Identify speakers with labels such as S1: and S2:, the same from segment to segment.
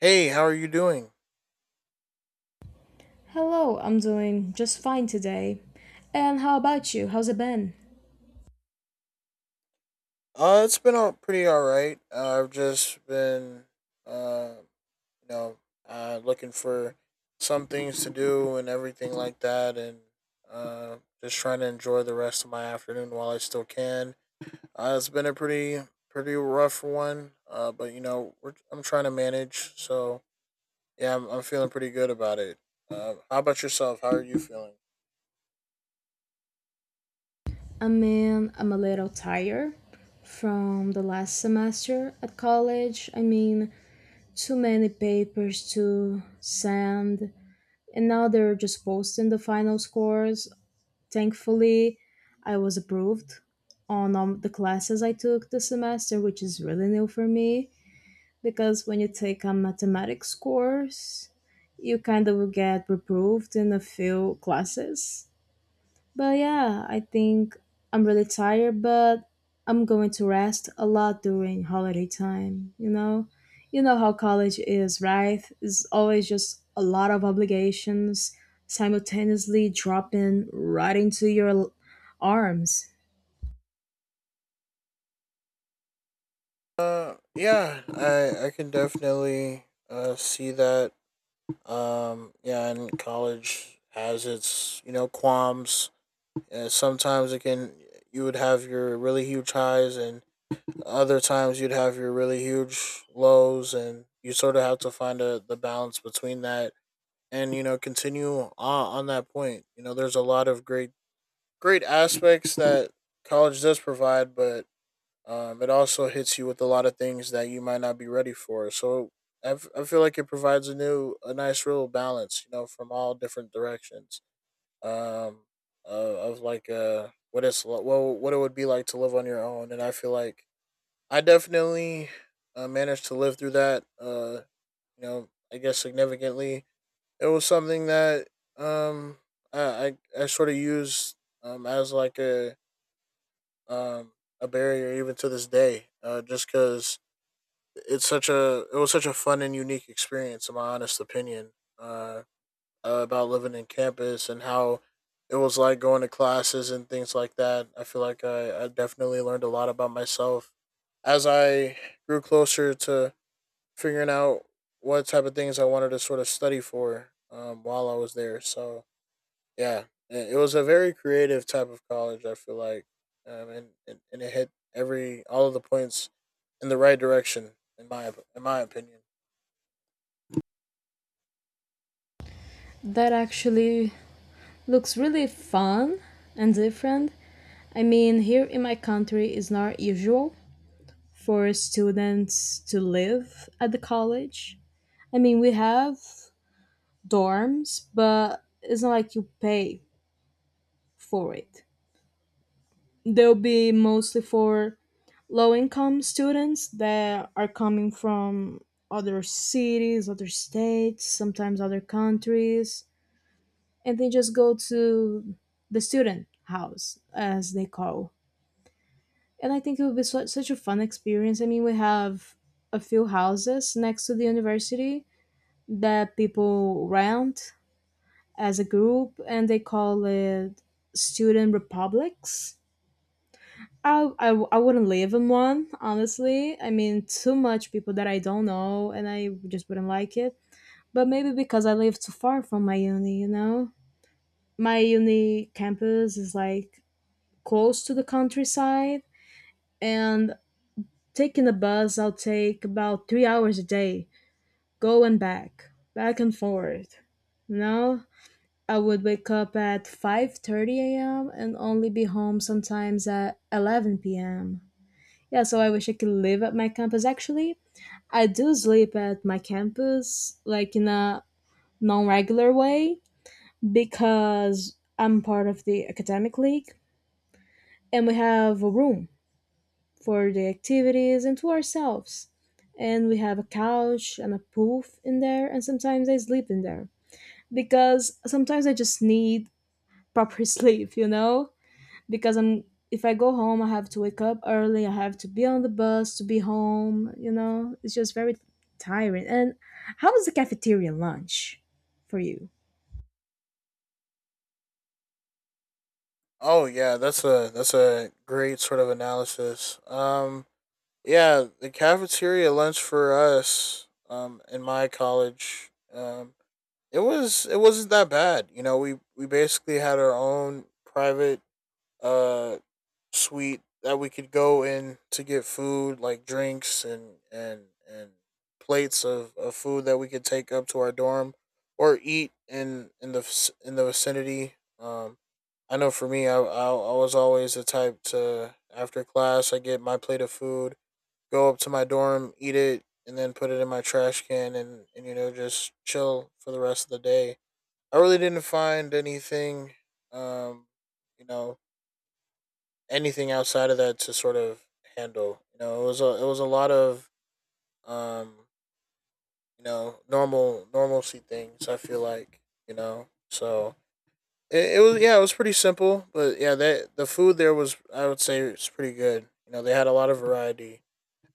S1: Hey, how are you doing?
S2: Hello, I'm doing just fine today. And how about you? How's it been?
S1: It's been all pretty all right. I've just been, uh, you know, looking for some things to do and everything like that, and just trying to enjoy the rest of my afternoon while I still can. It's been a pretty rough one, but you know, I'm trying to manage. So yeah, I'm feeling pretty good about it. How about yourself? How are you feeling?
S2: I mean, I'm a little tired from the last semester at college. I mean, too many papers to send, and now they're just posting the final scores. Thankfully, I was approved on the classes I took this semester, which is really new for me. Because when you take a mathematics course, you kind of will get reproved in a few classes. But yeah, I think I'm really tired, but I'm going to rest a lot during holiday time, you know? You know how college is, right? It's always just a lot of obligations simultaneously dropping right into your arms.
S1: Yeah, I can definitely see that. Yeah, and college has its qualms. And sometimes it can you would have your really huge highs, and other times you'd have your really huge lows, and you sort of have to find the balance between that, and continue on that point. You know, there's a lot of great aspects that college does provide, but it also hits you with a lot of things that you might not be ready for. So I feel like it provides a nice real balance, you know, from all different directions. Um, of like well, what it would be like to live on your own, and I feel like I definitely managed to live through that. You know, I guess significantly, it was something that um I sort of used as like um a barrier even to this day, just because it was such a fun and unique experience in my honest opinion, uh about living in campus and how it was like going to classes and things like that. I feel like I definitely learned a lot about myself as I grew closer to figuring out what type of things I wanted to sort of study for, while I was there. So yeah, it was a very creative type of college, I feel like. And it hit every all of the points in the right direction, in my in my opinion.
S2: That actually looks really fun and different. I mean, here in my country, it's not usual for students to live at the college. I mean, we have dorms, but it's not like you pay for it. They'll be mostly for low income students that are coming from other cities, other states, sometimes other countries, and they just go to the student house, as they call, and I think it would be such a fun experience. I mean, we have a few houses next to the university that people rent as a group, and they call it student republics. I wouldn't live in one, honestly. I mean, too much people that I don't know, and I just wouldn't like it. But maybe because I live too far from my uni, you know? My uni campus is like close to the countryside, and taking the bus, I'll take about 3 hours a day, go and back, back and forth. Now, I would wake up at 5:30 a.m. and only be home sometimes at 11 p.m. Yeah, so I wish I could live at my campus actually. I do sleep at my campus like in a non-regular way because I'm part of the academic league, and we have a room for the activities and to ourselves. And we have a couch and a poof in there, and sometimes I sleep in there because sometimes I just need proper sleep, you know? Because I'm, if I go home, I have to wake up early, I have to be on the bus to be home, you know? It's just very tiring. And how was the cafeteria lunch for you?
S1: Oh yeah, that's a great sort of analysis. Yeah, the cafeteria lunch for us, in my college, it wasn't that bad. You know, we basically had our own private uh suite that we could go in to get food, like drinks and plates of food that we could take up to our dorm or eat in the vicinity. I know for me, I was always the type to, after class, I get my plate of food, go up to my dorm, eat it, and then put it in my trash can, and just chill for the rest of the day. I really didn't find anything, um, you know, anything outside of that to sort of handle. You know, it was a lot of, um, normalcy things. I feel like. So it was, yeah, it was pretty simple, but yeah, that the food there was, I would say, it's pretty good. You know, they had a lot of variety.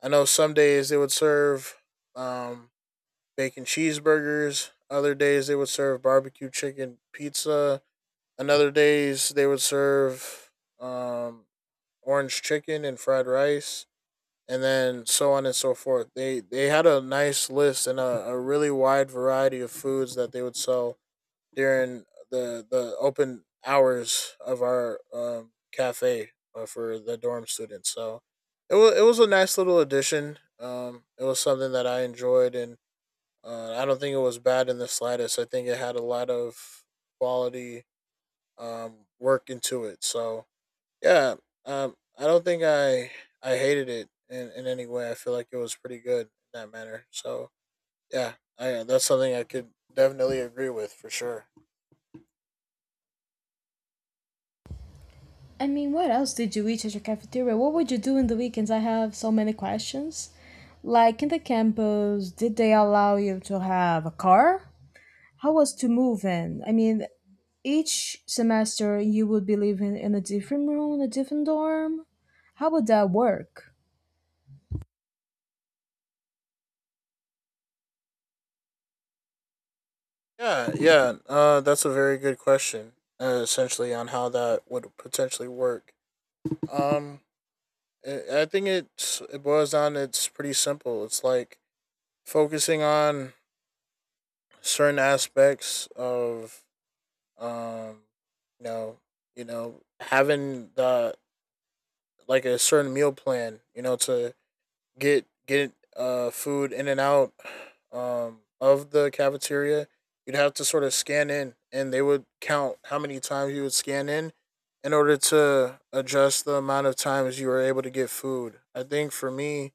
S1: I know some days they would serve, um, bacon cheeseburgers. Other days they would serve barbecue chicken pizza. Another days they would serve, um, orange chicken and fried rice, and then so on and so forth. They had a nice list and a really wide variety of foods that they would sell during the open hours of our, cafe, for the dorm students. So it was a nice little addition. It was something that I enjoyed, and I don't think it was bad in the slightest. I think it had a lot of quality, work into it. So yeah, I don't think I hated it in any way. I feel like it was pretty good in that manner. So yeah, that's something I could definitely agree with for sure.
S2: I mean, what else did you eat at your cafeteria? What would you do in the weekends? I have so many questions. Like in the campus, did they allow you to have a car? How was to move in? I mean, each semester you would be living in a different room, a different dorm. How would that work?
S1: Yeah, yeah, that's a very good question. Essentially, on how that would potentially work. Um, I think it boils down. It's pretty simple. It's like focusing on certain aspects of, um, you know, having the like a certain meal plan, you know, to get food in and out, of the cafeteria. You'd have to sort of scan in, and they would count how many times you would scan in order to adjust the amount of times you were able to get food. I think for me,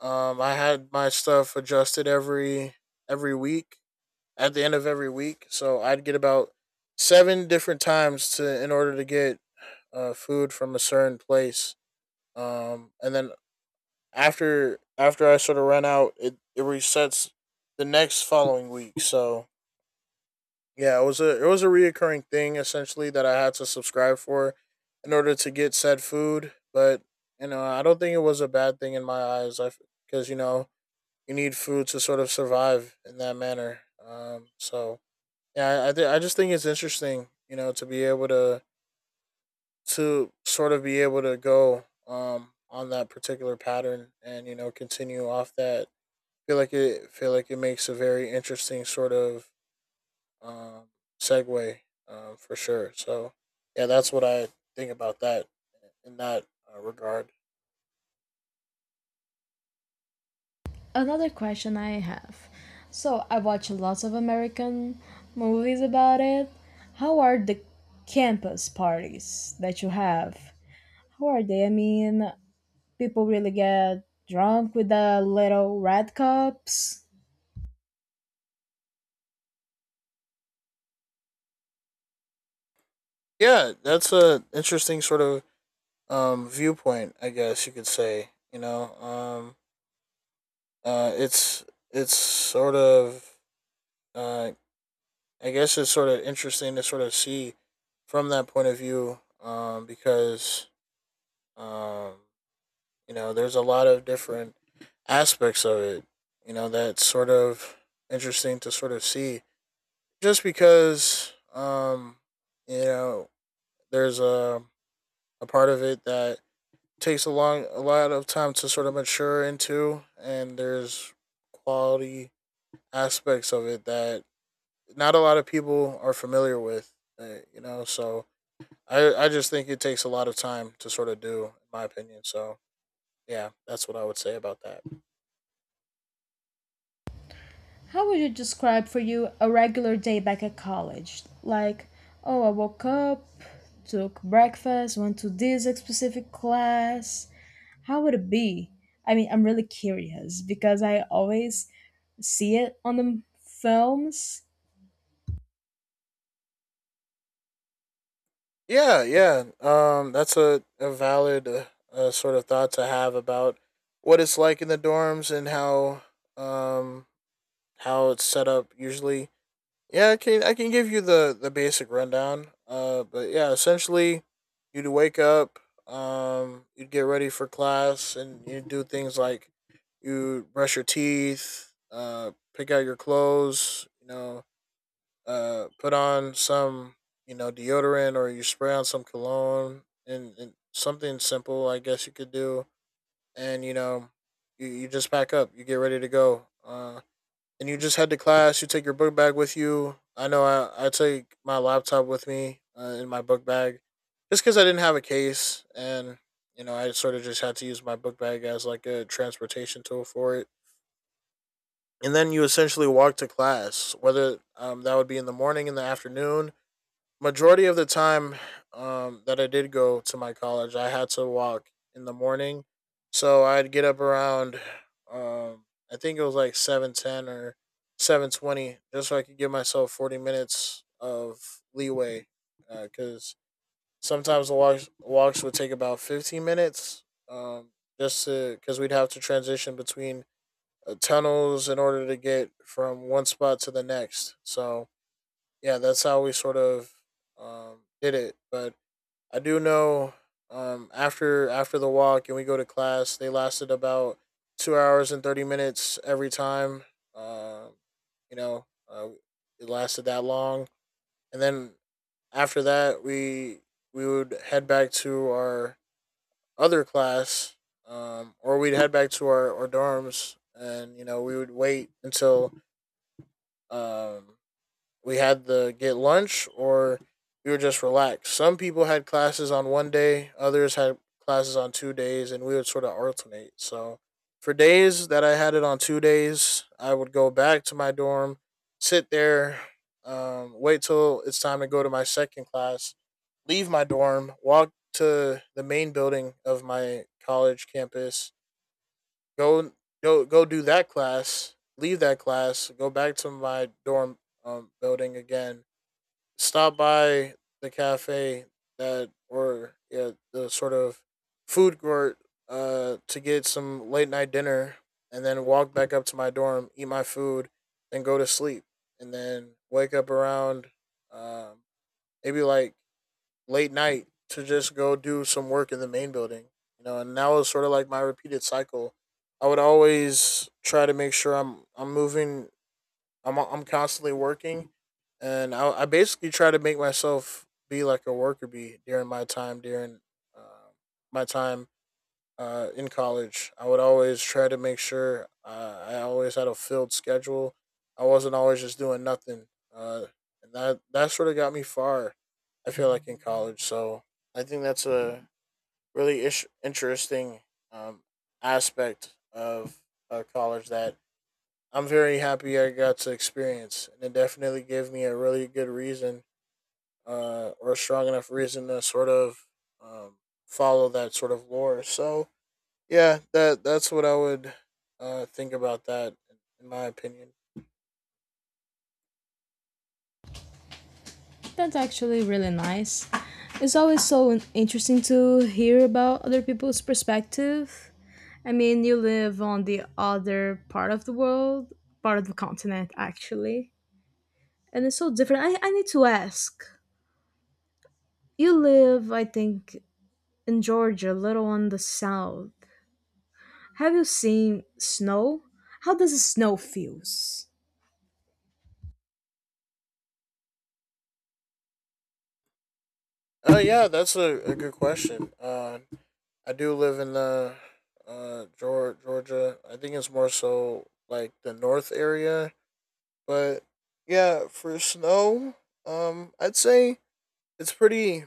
S1: I had my stuff adjusted every week, at the end of every week, so I'd get about seven different times to in order to get, food from a certain place. And then after I sort of ran out, it resets the next following week. So yeah, it was a reoccurring thing, essentially, that I had to subscribe for in order to get said food. But you know, I don't think it was a bad thing in my eyes. I Because you know you need food to sort of survive in that manner. So yeah, I just think it's interesting, you know, to sort of be able to go, on that particular pattern, and continue off that. Feel like it makes a very interesting sort of, um, segue, for sure. So yeah, that's what I think about that in that, regard.
S2: Another question I have. So, I watch lots of American movies about it. How are the campus parties that you have? How are they? I mean, people really get drunk with the little red cups.
S1: Yeah, that's a interesting sort of, viewpoint, I guess you could say. You know, uh, it's it's sort of, uh, I guess it's sort of interesting to sort of see from that point of view, because, um, there's a lot of different aspects of it. You know, that's sort of interesting to sort of see. Just because, you know, there's a part of it that takes a lot of time to sort of mature into, and there's quality aspects of it that not a lot of people are familiar with. So I just think it takes a lot of time to sort of do, in my opinion. So yeah, that's what I would say about that.
S2: How would you describe for you a regular day back at college? Like, oh, I woke up, took breakfast, went to this specific class. How would it be? I mean, I'm really curious because I always see it on the films.
S1: Yeah, yeah. That's a valid, sort of thought to have about what it's like in the dorms, and um how it's set up usually. Yeah, I can give you the basic rundown. But yeah, essentially, you'd wake up, you'd get ready for class, and you would do things like you brush your teeth, pick out your clothes, you know, put on some, deodorant, or you spray on some cologne, and something simple, I guess you could do. And you just pack up, you get ready to go, and you just head to class. You take your book bag with you. I know I take my laptop with me, in my book bag, just because I didn't have a case, and you know I sort of just had to use my book bag as like a transportation tool for it. And then you essentially walk to class, whether, that would be in the morning in the afternoon. Majority of the time, that I did go to my college, I had to walk in the morning. So I'd get up around, um, I think it was like 7:10 or 7:20, just so I could give myself 40 minutes of leeway, because, sometimes the walks would take about 15 minutes, um, just to because we'd have to transition between, tunnels, in order to get from one spot to the next. So yeah, that's how we sort of, did it. But I do know, after the walk and we go to class, they lasted about 2 hours and 30 minutes every time. Um, you know, it lasted that long, and then after that, we would head back to our other class, or we'd head back to our dorms, and you know we would wait until, um, we had to get lunch or we were just relaxed. Some people had classes on one day, others had classes on 2 days, and we would sort of alternate. So for days that I had it on 2 days, I would go back to my dorm, sit there, wait till it's time to go to my second class, leave my dorm, walk to the main building of my college campus, go go do that class, leave that class, go back to my dorm building again, stop by the cafe that or yeah the sort of food court to get some late night dinner, and then walk back up to my dorm, eat my food, then go to sleep, and then wake up around um maybe like late night to just go do some work in the main building. You know, and that was sort of like my repeated cycle. I would always try to make sure I'm moving, I'm constantly working, and I basically try to make myself be like a worker bee during uh, my time in college. I would always try to make sure I always had a filled schedule. I wasn't always just doing nothing, uh, and that sort of got me far, I feel like in college. So I think that's a really interesting um, aspect of college that I'm very happy I got to experience, and it definitely gave me a really good reason, or a strong enough reason to sort of um, follow that sort of lore. So yeah, that's what I would think about that, in my opinion.
S2: That's actually really nice. It's always so interesting to hear about other people's perspective. I mean, you live on the other part of the world, part of the continent, actually. And it's so different. I need to ask. You live, I think, in Georgia, a little on the south. Have you seen snow? How does the snow feels?
S1: Yeah, that's a good question. I do live in the Georgia. I think it's more so like the north area, but yeah, for snow, I'd say it's pretty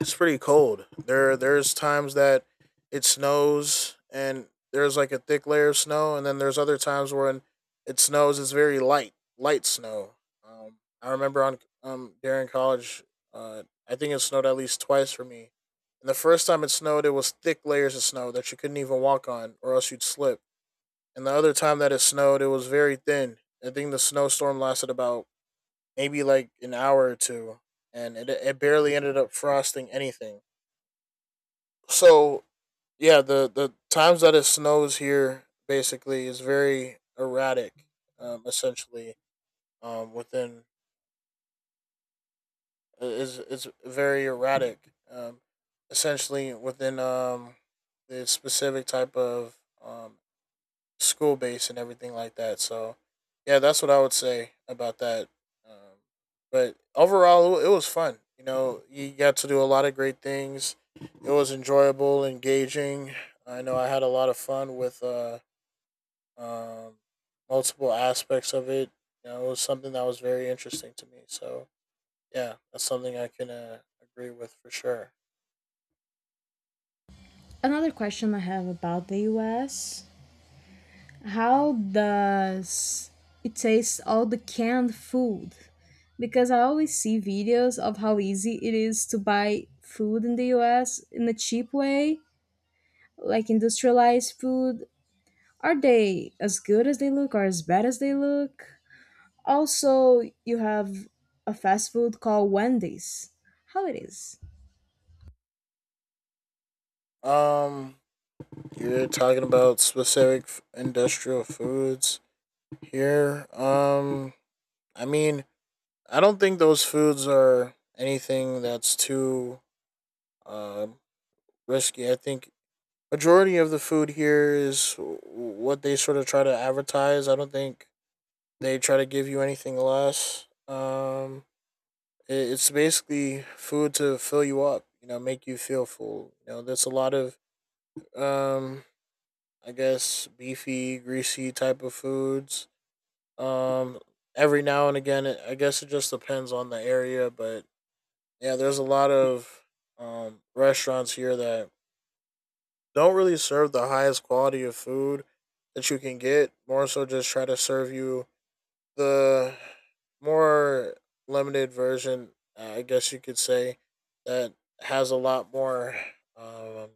S1: it's pretty cold. There's times that it snows and there's like a thick layer of snow, and then there's other times when it snows. It's very light, light snow. I remember on during college, I think it snowed at least twice for me. And the first time it snowed, it was thick layers of snow that you couldn't even walk on, or else you'd slip. And the other time that it snowed, it was very thin. I think the snowstorm lasted about maybe like an hour or two, and it barely ended up frosting anything. So yeah, the times that it snows here basically is very erratic. Essentially, within is very erratic. Essentially within the specific type of um school based and everything like that. So yeah, that's what I would say about that. Um, but overall, it was fun. You know, you got to do a lot of great things. It was enjoyable, engaging. I know I had a lot of fun with um, multiple aspects of it. You know, it was something that was very interesting to me. So yeah, that's something I can agree with for sure.
S2: Another question I have about the US. How does it taste all the canned food? Because I always see videos of how easy it is to buy food in the US in a cheap way, like industrialized food. Are they as good as they look or as bad as they look? Also, you have a fast food called Wendy's. How it is?
S1: Um, you're talking about specific industrial foods here. I mean, I don't think those foods are anything that's too uh, risky. I think majority of the food here is what they sort of try to advertise. I don't think they try to give you anything less. It's basically food to fill you up. You know, make you feel full. You know, there's a lot of um, I guess beefy, greasy type of foods. Um, every now and again, it, I guess it just depends on the area, but yeah, there's a lot of restaurants here that don't really serve the highest quality of food that you can get. More so, just try to serve you the more limited version, I guess you could say, that has a lot more, um,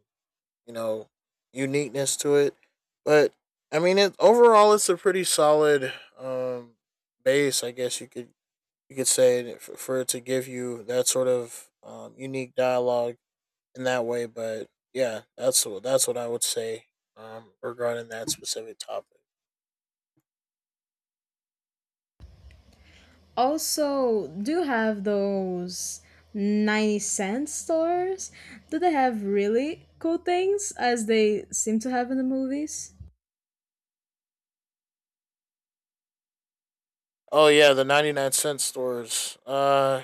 S1: you know, uniqueness to it. But I mean, it overall, it's a pretty solid base, I guess you could say, for it to give you that sort of unique dialogue in that way. But yeah, that's what I would say regarding that specific topic.
S2: Also, do you have those 90 cent stores? Do they have really cool things as they seem to have in the movies?
S1: Oh yeah, the 99-cent stores.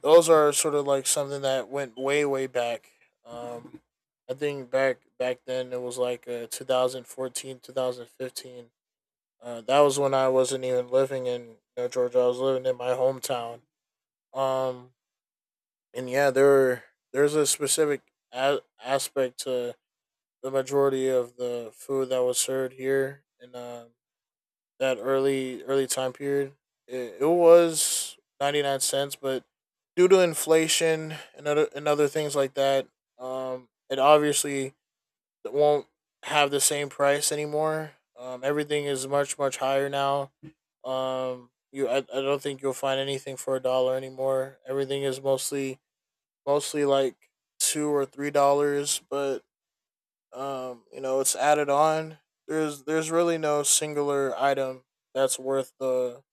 S1: Those are sort of like something that went way back. Um, I think back then it was like 2014. That was when I wasn't even living in, you know, Georgia. I was living in my hometown. Um, and yeah, there's a specific aspect to the majority of the food that was served here in that early time period. It was 99 cents, but due to inflation and other things like that, it obviously won't have the same price anymore. Everything is much higher now. I don't think you'll find anything for a dollar anymore. Everything is mostly like $2 or $3, but you know, it's added on. There's really no singular item that's worth the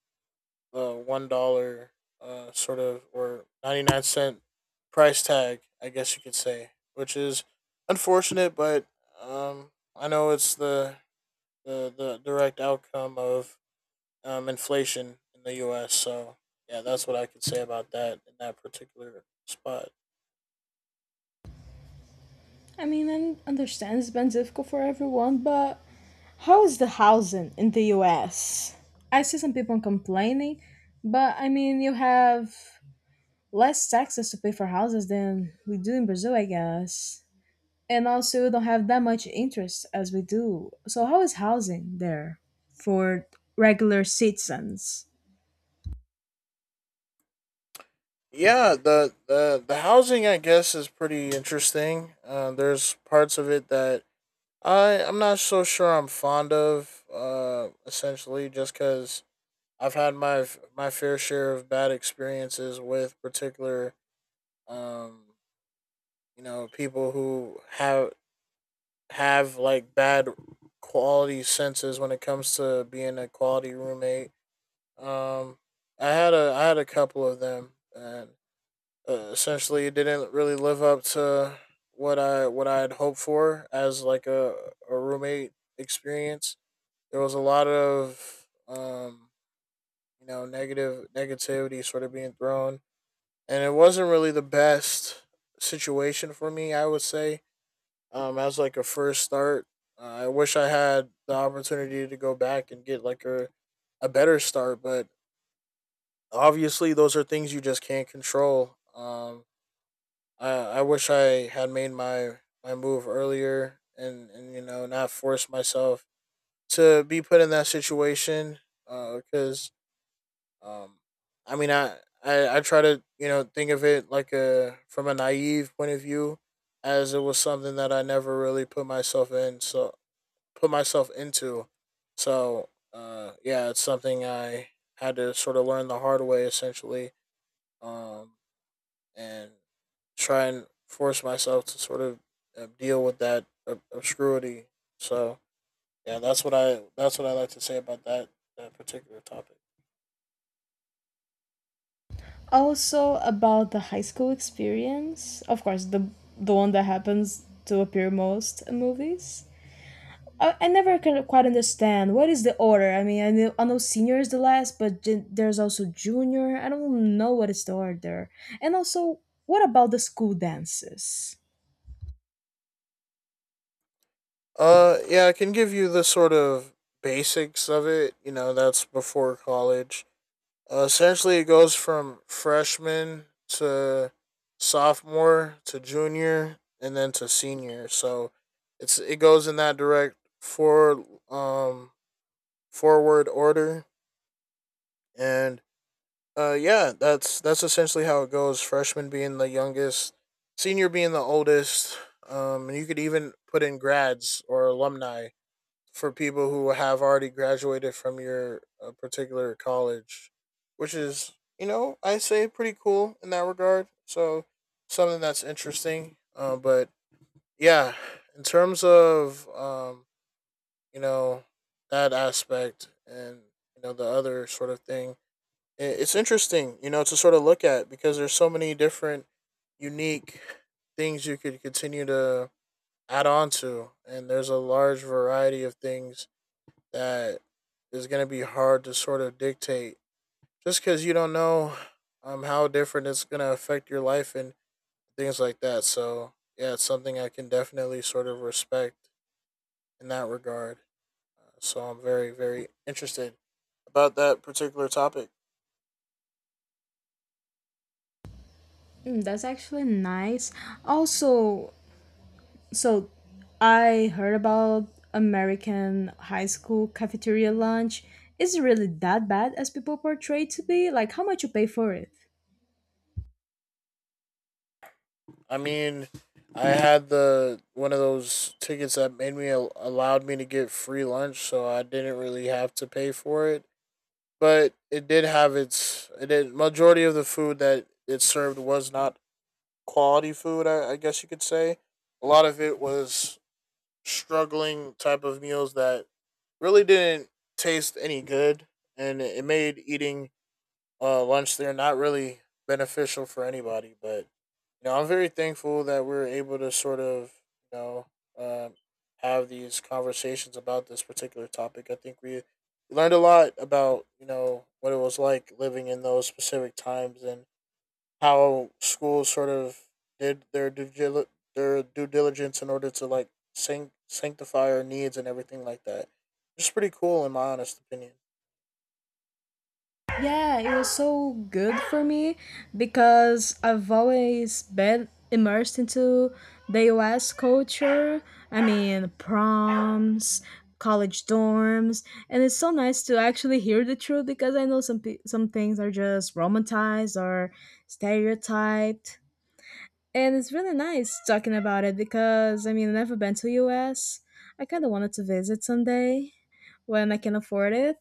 S1: the $1 sort of or 99-cent price tag, I guess you could say, which is unfortunate, but um, I know it's the direct outcome of inflation in the U.S. So yeah, that's what I could say about that in that particular spot.
S2: I mean, I understand it's been difficult for everyone, but how is the housing in the US? I see some people complaining, but I mean, you have less taxes to pay for houses than we do in Brazil, I guess. And also, you don't have that much interest as we do. So, how is housing there for regular citizens?
S1: Yeah, the housing, I guess, is pretty interesting. There's parts of it that I'm not so sure I'm fond of, essentially just because I've had my my fair share of bad experiences with particular um you know, people who have like bad quality senses when it comes to being a quality roommate. um I had a couple of them, and essentially it didn't really live up to what I had hoped for as like a roommate experience. There was a lot of you know, negative negativity sort of being thrown, and it wasn't really the best situation for me, I would say, as like a first start. I wish I had the opportunity to go back and get like a better start, but obviously those are things you just can't control. I wish I had made my move earlier, and you know, not forced myself to be put in that situation. Because um, I mean I try to, you know, think of it like a from a naive point of view, as it was something that I never really put myself in so put myself into. So yeah, it's something I had to sort of learn the hard way essentially. Um, and try and force myself to sort of deal with that obscurity. So yeah, that's what I like to say about that particular topic.
S2: Also, about the high school experience, of course, the one that happens to appear most in movies. I never can quite understand what is the order. I mean, I know senior is the last, but there's also junior. I don't know what is the order. And also, what about the school dances?
S1: Yeah, I can give you the sort of basics of it. You know, that's before college. Essentially, it goes from freshman to sophomore to junior and then to senior. So it goes in that direct for um forward order. And yeah, that's essentially how it goes. Freshman being the youngest, senior being the oldest. And you could even put in grads or alumni for people who have already graduated from your particular college, which is, you know, I say pretty cool in that regard. So something that's interesting. But yeah, in terms of you know, that aspect and you know, the other sort of thing, it's interesting, you know, to sort of look at because there's so many different unique things you could continue to add on to, and there's a large variety of things that is going to be hard to sort of dictate just because you don't know how different it's going to affect your life and things like that. So yeah, it's something I can definitely sort of respect in that regard. So I'm very interested about that particular topic.
S2: Mm, that's actually nice. Also, so I heard about American high school cafeteria lunch. Is it really that bad as people portray to be? Like, how much you pay for it?
S1: I mean, I had the one of those tickets that made me allowed me to get free lunch, so I didn't really have to pay for it. But it did have its. It did, majority of the food that it served was not quality food, I guess you could say. A lot of it was struggling type of meals that really didn't taste any good, and it made eating lunch there not really beneficial for anybody. But you know, I'm very thankful that we are able to sort of, you know, um, have these conversations about this particular topic. I think we learned a lot about, you know, what it was like living in those specific times and how schools sort of did their their due diligence in order to like sanctify our needs and everything like that. It's pretty cool in my honest opinion.
S2: Yeah, it was so good for me because I've always been immersed into the US culture. I mean, proms, college dorms, and it's so nice to actually hear the truth because I know some some things are just romanticized or stereotyped. And it's really nice talking about it because I mean, I've never been to US. I kind of wanted to visit someday when I can afford it,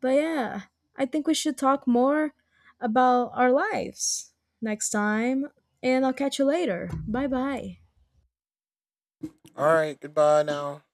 S2: but yeah, I think we should talk more about our lives next time, and I'll catch you later. Bye bye.
S1: All right, goodbye now.